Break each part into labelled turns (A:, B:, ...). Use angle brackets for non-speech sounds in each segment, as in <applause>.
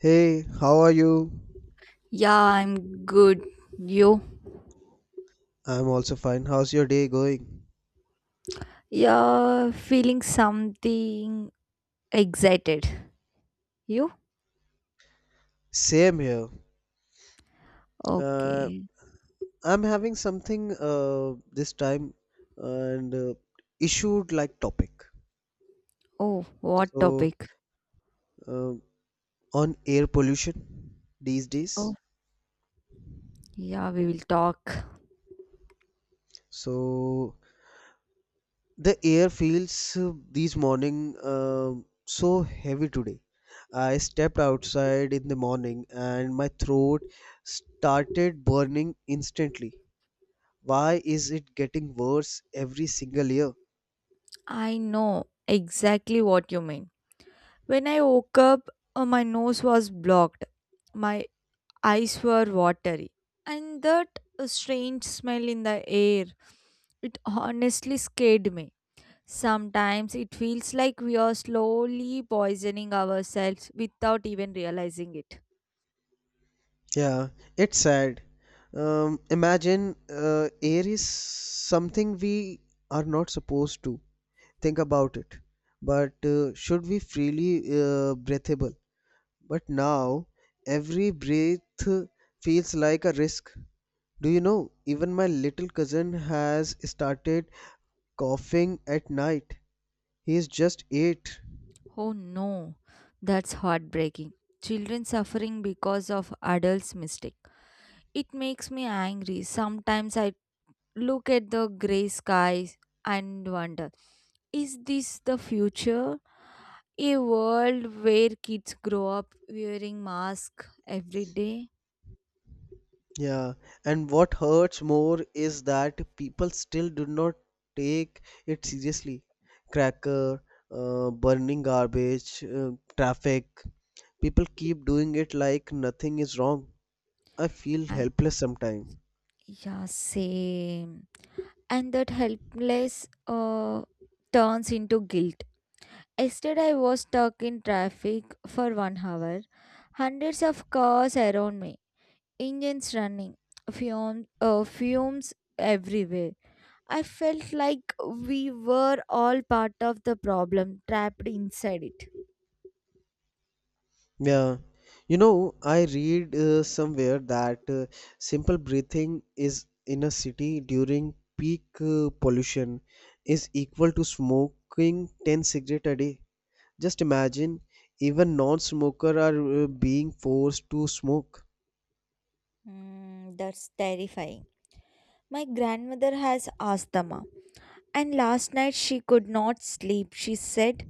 A: Hey, how are you?
B: Yeah, I'm good. You?
A: I'm also fine. How's your day going?
B: Yeah, feeling something excited. You?
A: Same here. Uh,
B: Okay.
A: I'm having something this time and issued like topic.
B: Oh, what
A: So
B: topic?
A: um on air pollution these
B: Oh,
A: days.
B: yeah, we will talk.
A: So the air feels these morning so heavy today. I stepped outside in the morning and my throat started burning instantly. Why is it getting worse every single year?
B: I know exactly what you mean. When I woke up, my nose was blocked. My eyes were watery. And that strange smell in the air, it honestly scared me. Sometimes it feels like we are slowly poisoning ourselves without even realizing it.
A: Yeah, it's sad. Imagine air is something we are not supposed to think about it, but should be freely breathable. But now every breath feels like a risk. Do you know? Even my little cousin has started coughing at night. He is just eight.
B: Oh no, that's heartbreaking. Children suffering because of adults' mistake. It makes me angry. Sometimes I look at the grey skies and wonder, is this the future? A world where kids grow up wearing masks every day?
A: Yeah, and what hurts more is that people still do not take it seriously. Cracker, burning garbage, traffic. People keep doing it like nothing is wrong. I feel
B: I,
A: helpless sometimes.
B: yeah, same. And that helpless, turns into guilt. Yesterday, I was stuck in traffic for 1 hour, hundreds of cars around me, engines running, fumes everywhere. I felt like we were all part of the problem, trapped inside it.
A: Yeah, you know, I read somewhere that simple breathing is in a city during peak pollution is equal to smoking 10 cigarettes a day. Just imagine, even non-smoker are being forced to smoke.
B: Mm, that's terrifying. My grandmother has asthma, and last night she could not sleep. She said,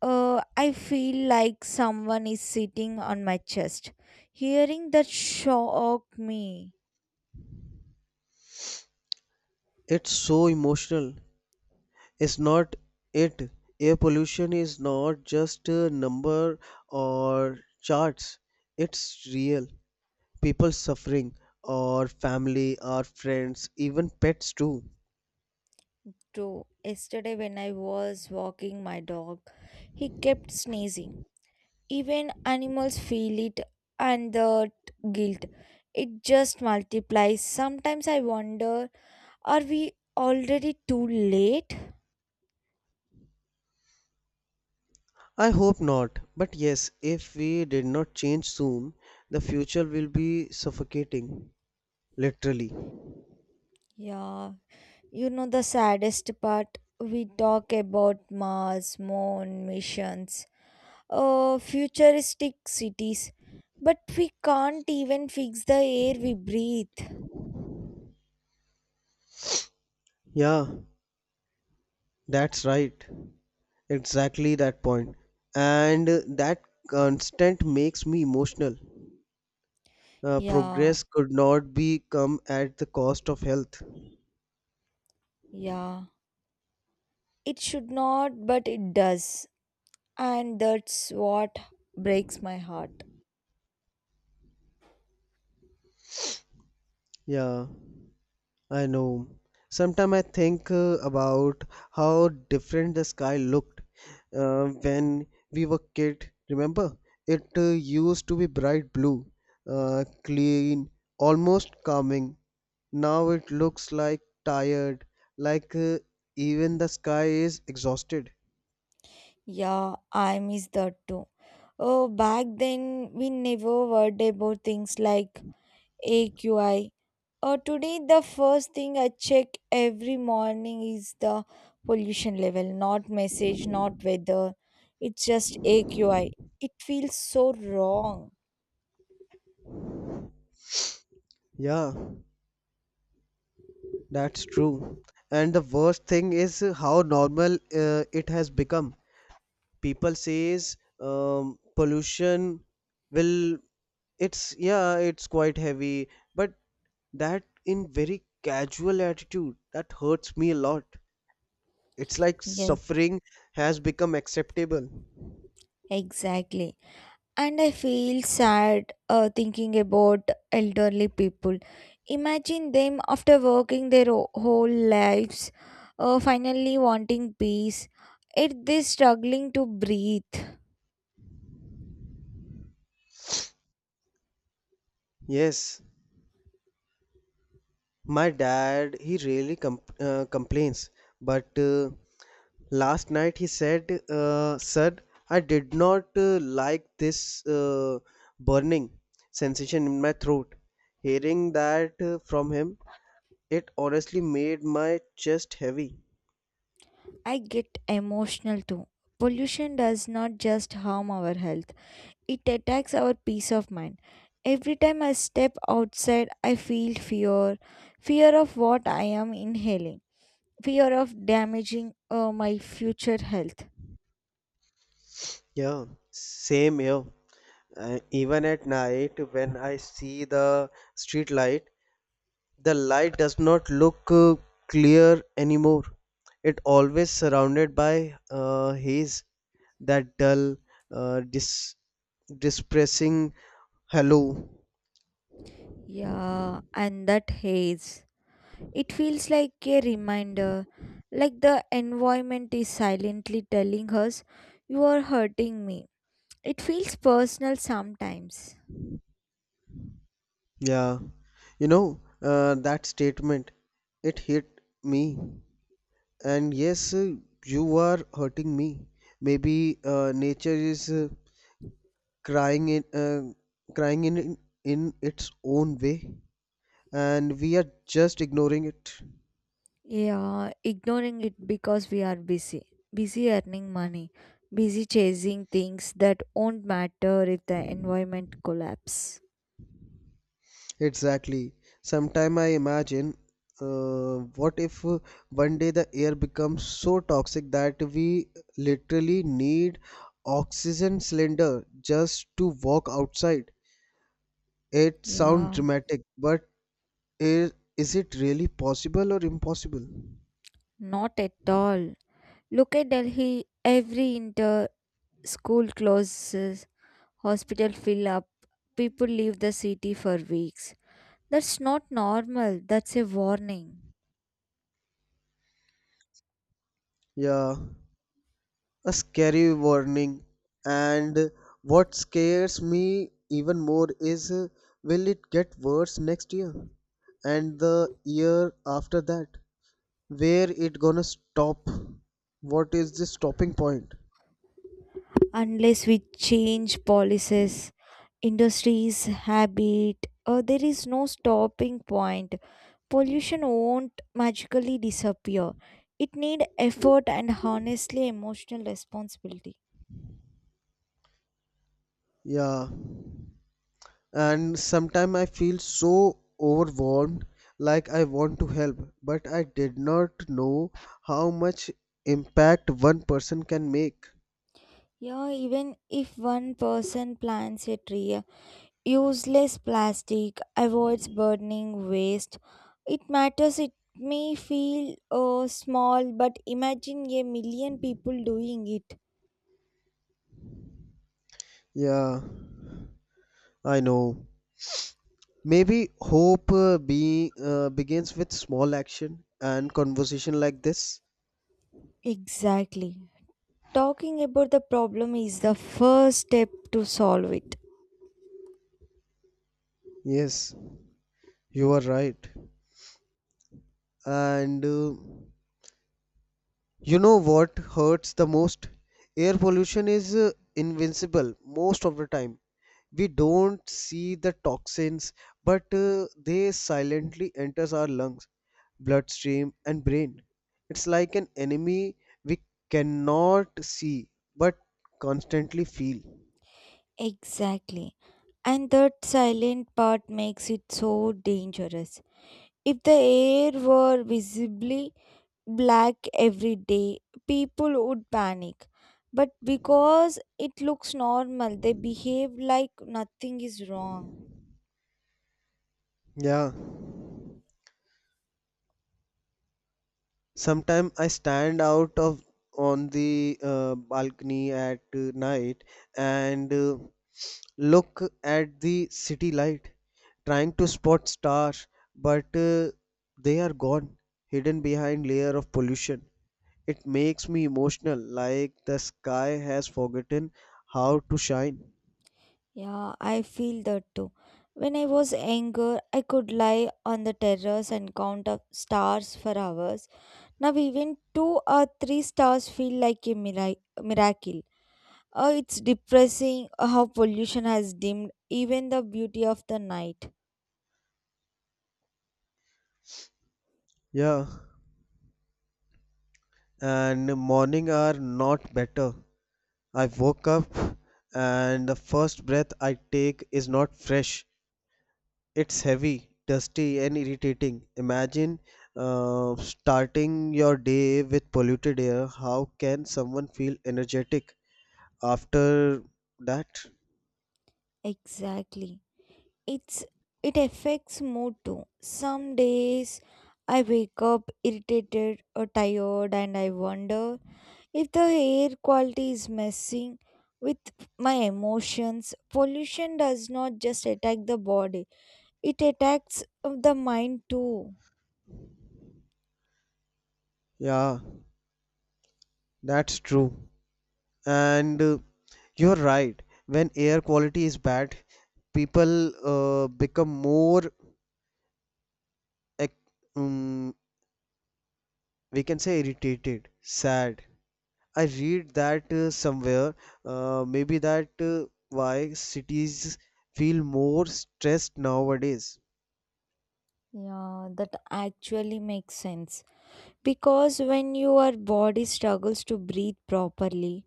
B: "I feel like someone is sitting on my chest." Hearing that shocked me
A: It's so emotional. It's not it. Air pollution is not just a number or charts. It's real. People suffering, or family, or friends, even pets too.
B: too. Yesterday, when I was walking my dog, he kept sneezing. Even animals feel it, and the guilt. It just multiplies. Sometimes I wonder, are we already too late?
A: I hope not. But yes, if we did not change soon, the future will be suffocating. Literally.
B: Yeah, you know the saddest part? We talk about Mars, moon, missions, futuristic cities, but we can't even fix the air we breathe.
A: Yeah, that's right. Exactly that point. And that constant makes me emotional.
B: Yeah,
A: Progress could not be come at the cost of health.
B: yeah. It should not, but it does. And that's what breaks my heart.
A: Yeah, I know. Sometimes I think about how different the sky looked when we were kid. Remember, it used to be bright blue, clean, almost calming. Now it looks like tired, like even the sky is exhausted.
B: Yeah, I miss that too. Oh, back then we never worried about things like AQI. Today, the first thing I check every morning is the pollution level, not message, not weather. It's just AQI. It feels so wrong.
A: Yeah, that's true. And the worst thing is how normal it has become. People says pollution will it's yeah, it's quite heavy, but that in very casual attitude that hurts me a lot. It's like
B: Yes,
A: suffering has become acceptable.
B: exactly. And I feel sad, thinking about elderly people. Imagine them after working their whole lives, finally wanting peace, yet they're struggling to breathe.
A: Yes. My dad, he rarely complains, but last night he said, "Sir, I did not like this burning sensation in my throat." Hearing that from him, it honestly made my chest heavy.
B: I get emotional too. Pollution does not just harm our health, it attacks our peace of mind. Every time I step outside, I feel fear of what I am inhaling, fear of damaging, my future health.
A: Yeah, same here. Even at night, when I see the street light, the light does not look clear anymore. It always surrounded by haze, that dull, uh, dis- depressing hello.
B: Yeah, and that haze. It feels like a reminder, like the environment is silently telling us, "You are hurting me." It feels personal sometimes.
A: Yeah, you know that statement. It hit me, and yes, you are hurting me. Maybe nature is crying crying in its own way, and we are just ignoring it.
B: Yeah, ignoring it because we are busy. Busy earning money. Busy chasing things that won't matter if the environment collapse.
A: Exactly. Sometime I imagine, uh, what if one day the air becomes so toxic that we literally need oxygen cylinder just to walk outside? It sounds
B: Yeah,
A: dramatic, but is it really possible or impossible?
B: not at all. Look at Delhi, every inter school closes, hospital fill up, people leave the city for weeks. That's not normal, that's a warning.
A: Yeah, a scary warning. And what scares me even more is will it get worse next year and the year after that? Where it gonna stop? What is the stopping point?
B: Unless we change policies, industries, habit, there is no stopping point. Pollution won't magically disappear. It need effort and honestly emotional responsibility.
A: Yeah, and sometime I feel so overwhelmed, like I want to help, but I did not know how much impact one person can make.
B: Yeah, even if one person plants a tree, useless plastic, avoids burning waste, it matters. It may feel, small, but imagine a million people doing it.
A: Yeah, I know. Maybe hope be begins with small action and conversation like this.
B: Exactly. Talking about the problem is the first step to solve it.
A: Yes, you are right. And you know what hurts the most? Air pollution is invincible most of the time. We don't see the toxins, but they silently enters our lungs, bloodstream and brain. It's like an enemy we cannot see but constantly feel.
B: Exactly. And that silent part makes it so dangerous. If the air were visibly black every day, people would panic. But because it looks normal, they behave like nothing is wrong.
A: Yeah. Sometimes I stand out of on the balcony at night and look at the city light, trying to spot stars, but they are gone, hidden behind layer of pollution. It makes me emotional, like the sky has forgotten how to shine.
B: Yeah, I feel that too. When I was younger, I could lie on the terrace and count up stars for hours. Now, even two or three stars feel like a miracle. It's depressing how pollution has dimmed even the beauty of the night.
A: Yeah, and morning are not better. I woke up and the first breath I take is not fresh. It's heavy, dusty, and irritating. Imagine starting your day with polluted air. How can someone feel energetic after that?
B: Exactly. It's it affects mood too. Some days I wake up irritated or tired and I wonder if the air quality is messing with my emotions. Pollution does not just attack the body, it attacks, the mind too.
A: Yeah, that's true. And you're right. When air quality is bad, people become more, ec- um, we can say, irritated, sad, I read that somewhere, maybe that why cities feel more stressed nowadays.
B: Yeah, that actually makes sense. Because when your body struggles to breathe properly,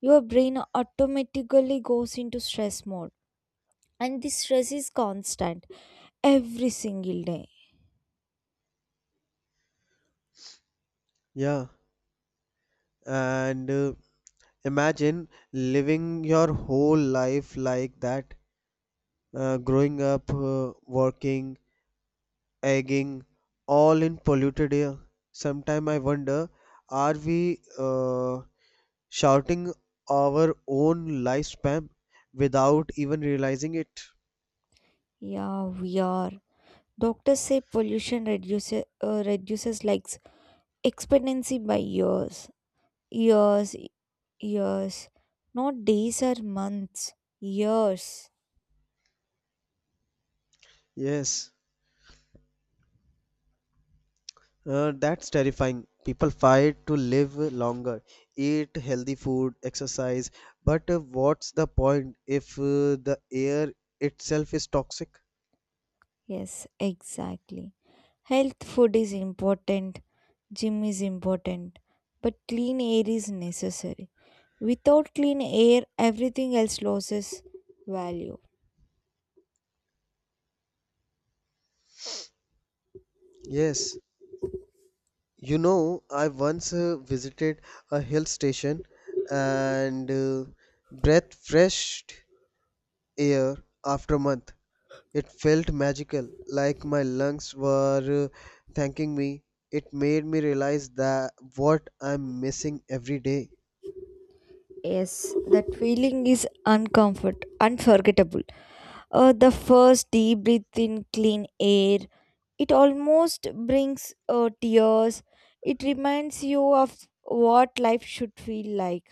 B: your brain automatically goes into stress mode. And this stress is constant every single day.
A: Yeah, and imagine living your whole life like that, growing up, working, egging, all in polluted air. Sometime I wonder, are we shouting our own lifespan without even realizing it?
B: Yeah, we are. Doctors say pollution reduces life expectancy by years, years, years. Not days or months, years.
A: Yes. That's terrifying. People fight to live longer, eat healthy food, exercise, but what's the point if the air itself is toxic?
B: Yes, exactly. Health food is important, gym is important, but clean air is necessary. Without clean air, everything else loses value.
A: Yes. You know, I once visited a hill station and breathed fresh air after a month. It felt magical, like my lungs were thanking me. It made me realize that what I'm missing every day.
B: Yes, that feeling is unforgettable. The first deep breath in clean air, it almost brings, tears. It reminds you of what life should feel like.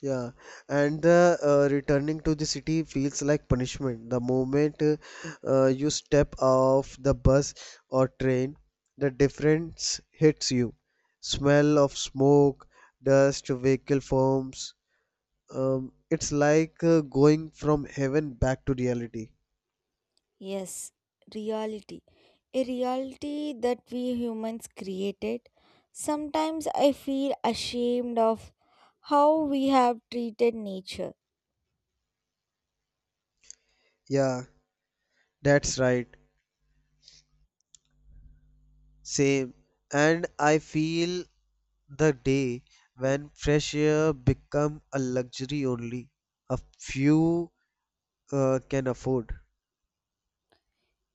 A: Yeah, and the returning to the city feels like punishment. The moment you step off the bus or train, the difference hits you. Smell of smoke, dust, vehicle forms. It's like going from heaven back to reality.
B: Yes, reality. A reality that we humans created. Sometimes I feel ashamed of how we have treated nature.
A: Yeah, that's right. Same. And I feel the day when fresh air become a luxury only. A few can afford.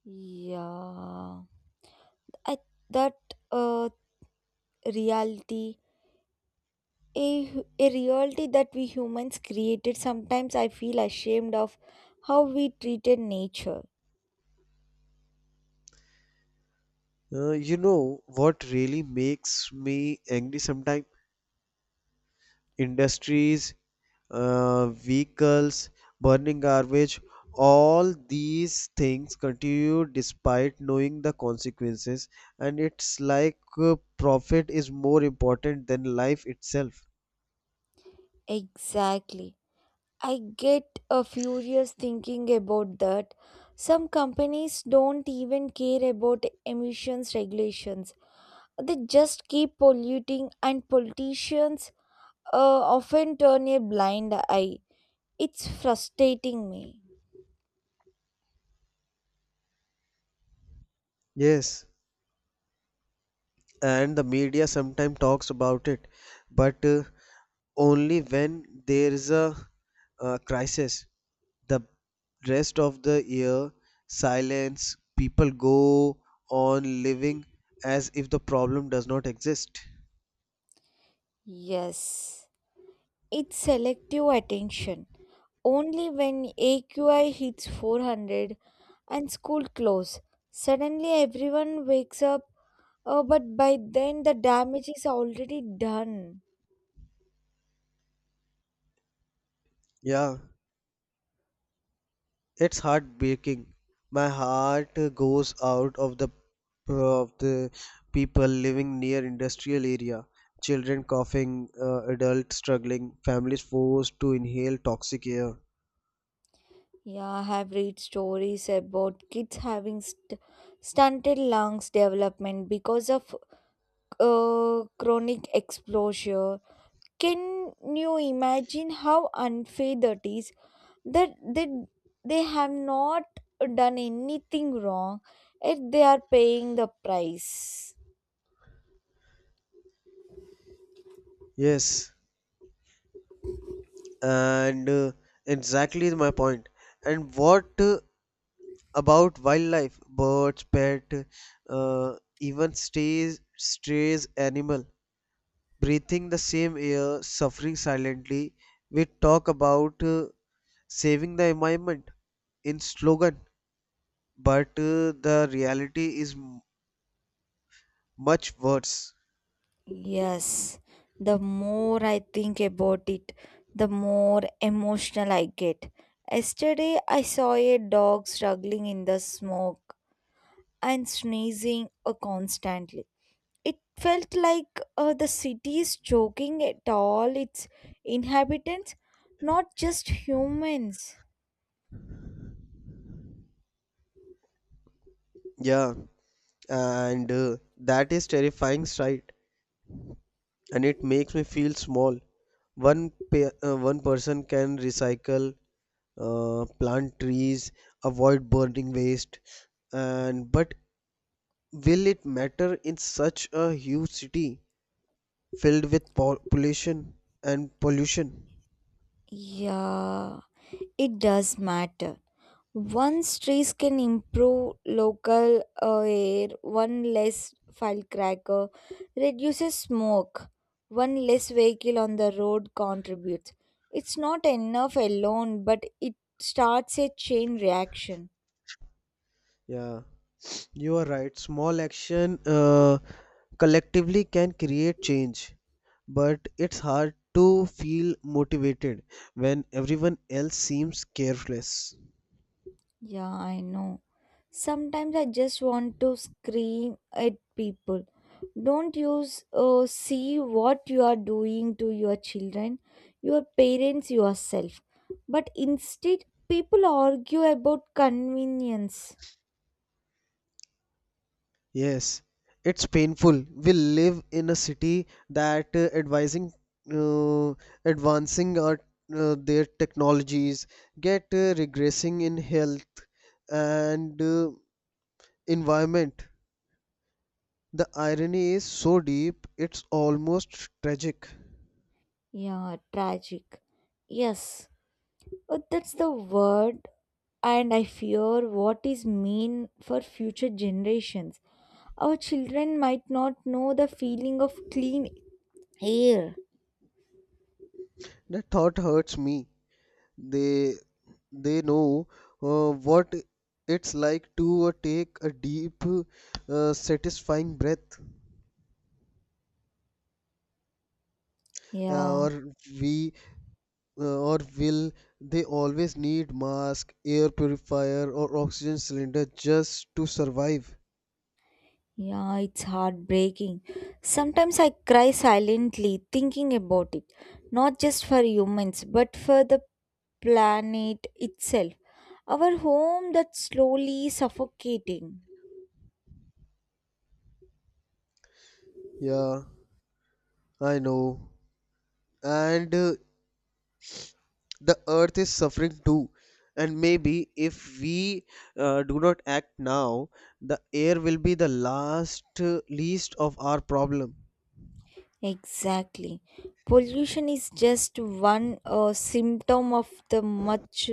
B: Yeah. I, that uh, reality a, hu- a reality that we humans created. Sometimes I feel ashamed of how we treated nature.
A: You know what really makes me angry sometimes? Industries, vehicles, burning garbage, all these things continue despite knowing the consequences, and it's like profit is more important than life itself.
B: Exactly. I get a furious thinking about that. Some companies don't even care about emissions regulations. They just keep polluting and politicians, often turn a blind eye. It's frustrating me.
A: Yes, and the media sometimes talks about it but only when there is a crisis, the rest of the year silence, people go on living as if the problem does not exist.
B: Yes. It's selective attention. Only when AQI hits 400 and school close, suddenly everyone wakes up, but by then the damage is already done.
A: Yeah, it's heartbreaking. My heart goes out of the people living near industrial area. Children coughing, adults struggling, families forced to inhale toxic air.
B: Yeah, I have read stories about kids having stunted lungs development because of, chronic exposure. Can you imagine how unfair that is? That they have not done anything wrong, yet they are paying the price.
A: Yes, and exactly is my point. And what about wildlife? Birds, pet, even stays, strays animal, breathing the same air, suffering silently. We talk about saving the environment in slogan, but the reality is much worse.
B: Yes, the more I think about it, the more emotional I get. Yesterday, I saw a dog struggling in the smoke and sneezing, constantly. It felt like, the city is choking at all its inhabitants, not just humans.
A: Yeah, and that is terrifying sight, and it makes me feel small. One person can recycle, plant trees, avoid burning waste, and but will it matter in such a huge city filled with pollution and pollution?
B: Yeah, it does matter. One trees can improve local, air, one less firecracker reduces smoke, one less vehicle on the road contributes. It's not enough alone, but it starts a chain reaction.
A: Yeah, you are right. Small action collectively can create change, but it's hard to feel motivated when everyone else seems careless.
B: Yeah, I know. Sometimes I just want to scream at people. Don't you see what you are doing to your children, your parents, yourself. But instead, people argue about convenience.
A: Yes, it's painful. We live in a city that advising uh, advancing our their technologies get regressing in health and environment. The irony is so deep, it's almost tragic.
B: Yeah, tragic. Yes, that's the word, and I fear what is mean for future generations. Our children might not know the feeling of clean air.
A: The thought hurts me. They they know what it's like to take a deep, satisfying breath, uh,
B: Yeah.
A: or we or will they always need mask, air purifier, or oxygen cylinder just to survive?
B: Yeah, it's heartbreaking. Sometimes I cry silently thinking about it, not just for humans, but for the planet itself. Our home that's slowly suffocating.
A: Yeah, I know. And the earth is suffering too, and maybe if we do not act now, the air will be the last least of our problem.
B: Exactly. Pollution is just one, symptom of the much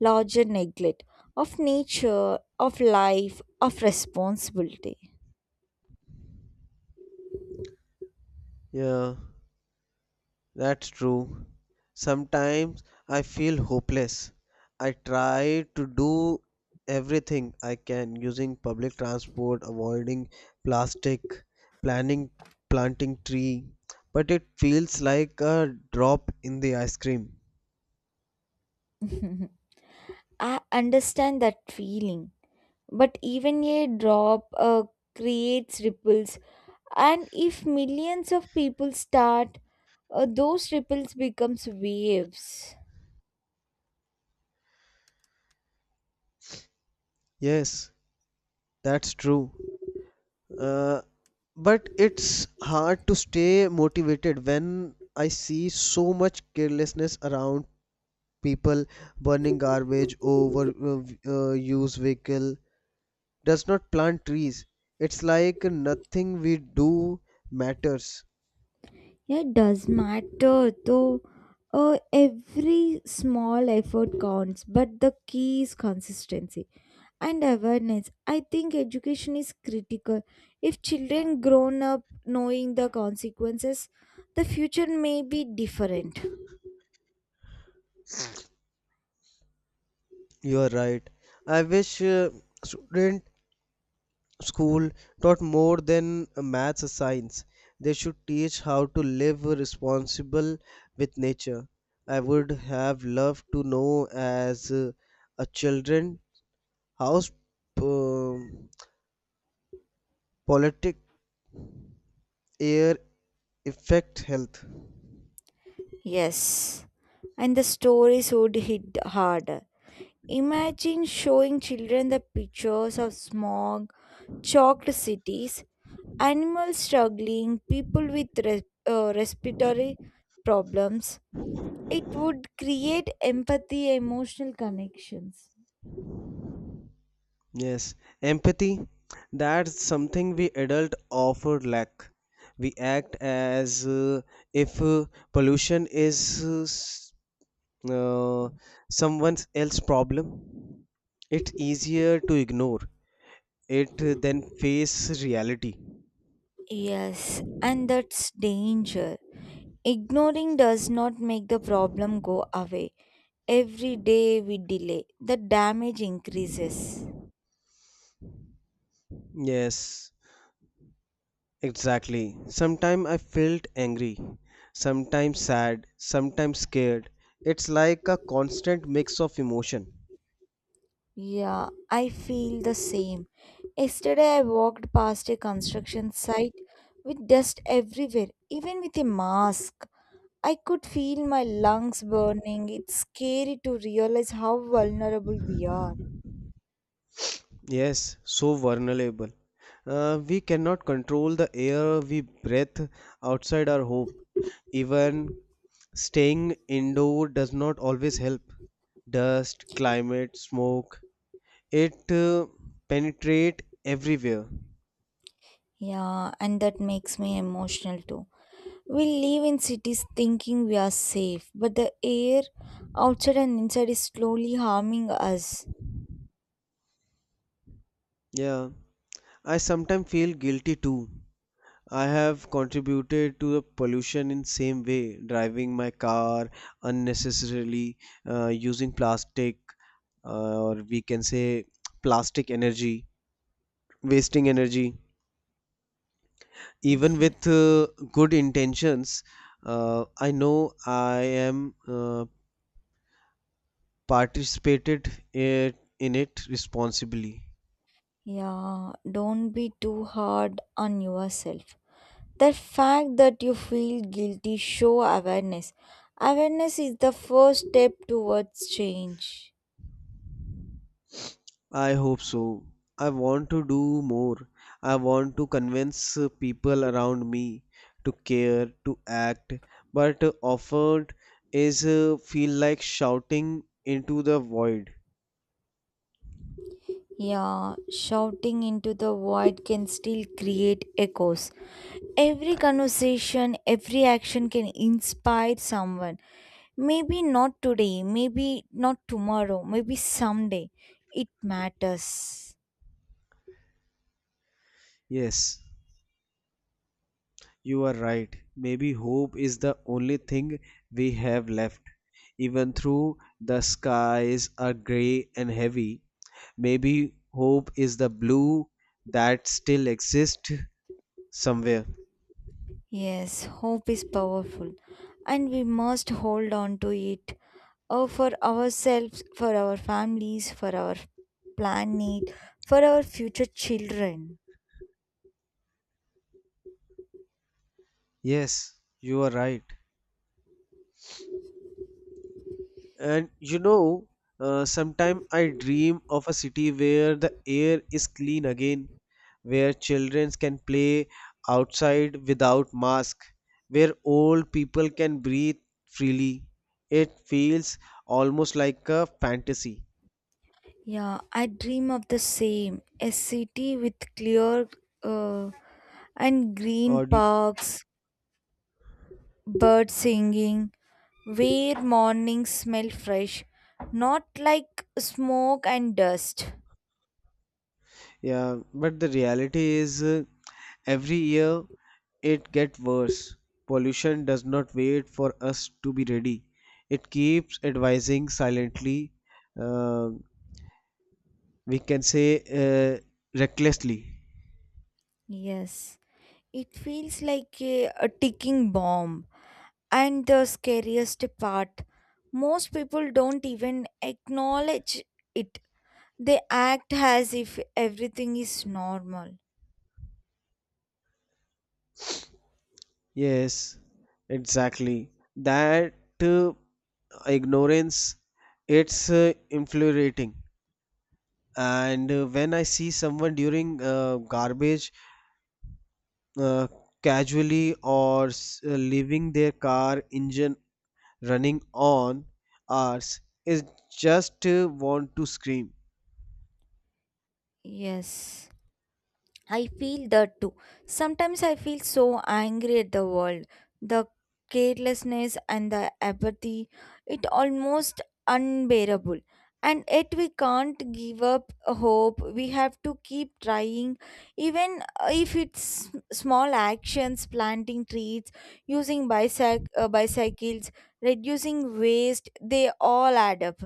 B: larger neglect of nature, of life, of responsibility.
A: Yeah, that's true. Sometimes I feel hopeless. I try to do everything I can, using public transport, avoiding plastic, planning planting tree, but it feels like a drop in the ice cream.
B: <laughs> I understand that feeling. But even a drop, creates ripples, and if millions of people start, those ripples becomes waves.
A: Yes, that's true. Uh, but it's hard to stay motivated when I see so much carelessness around, people burning garbage over used vehicle, does not plant trees. It's like nothing we do matters.
B: Yeah, it does matter though. Every small effort counts, but the key is consistency and awareness. I think education is critical. If children grown up knowing the consequences, the future may be different.
A: You are right. I wish student school taught more than maths or science. They should teach how to live responsible with nature. I would have loved to know as a children how um politic air affect health.
B: Yes. And the stories would hit harder. Imagine showing children the pictures of smog, chalked cities, animals struggling, people with respiratory problems. It would create empathy, emotional connections.
A: Yes, empathy. That's something we adult often lack. We act as if pollution is uh, someone else's problem, it's easier to ignore it than face reality.
B: Yes, and that's danger. Ignoring does not make the problem go away. Every day we delay, the damage increases.
A: Yes, exactly. Sometimes I felt angry, sometimes sad, sometimes scared. It's like a constant mix of emotion.
B: Yeah, I feel the same. Yesterday, I walked past a construction site with dust everywhere, even with a mask. I could feel my lungs burning. It's scary to realize how vulnerable we are.
A: Yes, so vulnerable. We cannot control the air we breathe outside our home. Even staying indoor does not always help. Dust, climate, smoke, it penetrate everywhere.
B: Yeah, and that makes me emotional too. We live in cities thinking we are safe, but the air outside and inside is slowly harming us.
A: Yeah, I sometimes feel guilty too. I have contributed to the pollution in same way, driving my car unnecessarily, using plastic, or we can say plastic energy, wasting energy, even
B: Yeah,
A: with good intentions. I know I am participated it, in it responsibly.
B: yeah, don't be too hard on yourself. The fact that you feel guilty show awareness. Awareness is the first step towards change.
A: I hope so. I want to do more. I want to convince people around me to care, to act, but offered is feel like shouting into the void.
B: Yeah, shouting into the void can still create echoes. Every conversation, every action can inspire someone. Maybe not today, maybe not tomorrow, maybe someday. It matters.
A: Yes, you are right. Maybe hope is the only thing we have left. Even though the skies are grey and heavy, maybe hope is the blue that still exists somewhere.
B: Yes, hope is powerful, and we must hold on to it, for ourselves, for our families, for our planet, for our future children.
A: Yes, you are right. And you know, sometimes I dream of a city where the air is clean again, where children can play outside without mask, where old people can breathe freely. It feels almost like a fantasy.
B: Yeah, I dream of the same, a city with clear, uh, and green
A: Or do
B: parks, birds singing, where mornings smell fresh, not like smoke and dust.
A: yeah, but the reality is every year it gets worse. Pollution does not wait for us to be ready. It keeps advising silently, uh, we can say uh, recklessly.
B: Yes, it feels like a ticking bomb. And the scariest part, most people don't even acknowledge it. They act as if everything is normal.
A: Yes, exactly that uh, ignorance, it's infuriating. And when I see someone during garbage uh, casually, or leaving their car engine running on ours, is just want to scream.
B: Yes. I feel that too. Sometimes I feel so angry at the world. The carelessness and the apathy, it almost unbearable. And yet we can't give up hope. We have to keep trying, even, if it's small actions, planting trees, using bicycles, reducing waste, they all add up.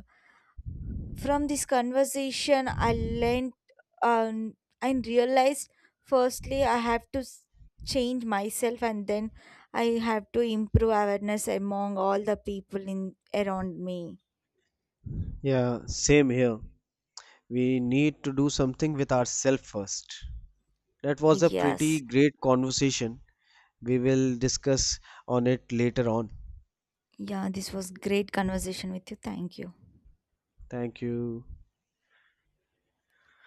B: From this conversation, um, I realized firstly I have to change myself, and then I have to improve awareness among all the people in around me.
A: Yeah, same here. We need to do something with ourselves first. That was a pretty
B: Yes.
A: great conversation. We will discuss on it later on.
B: Yeah, this was great conversation with you. Thank you.
A: Thank you.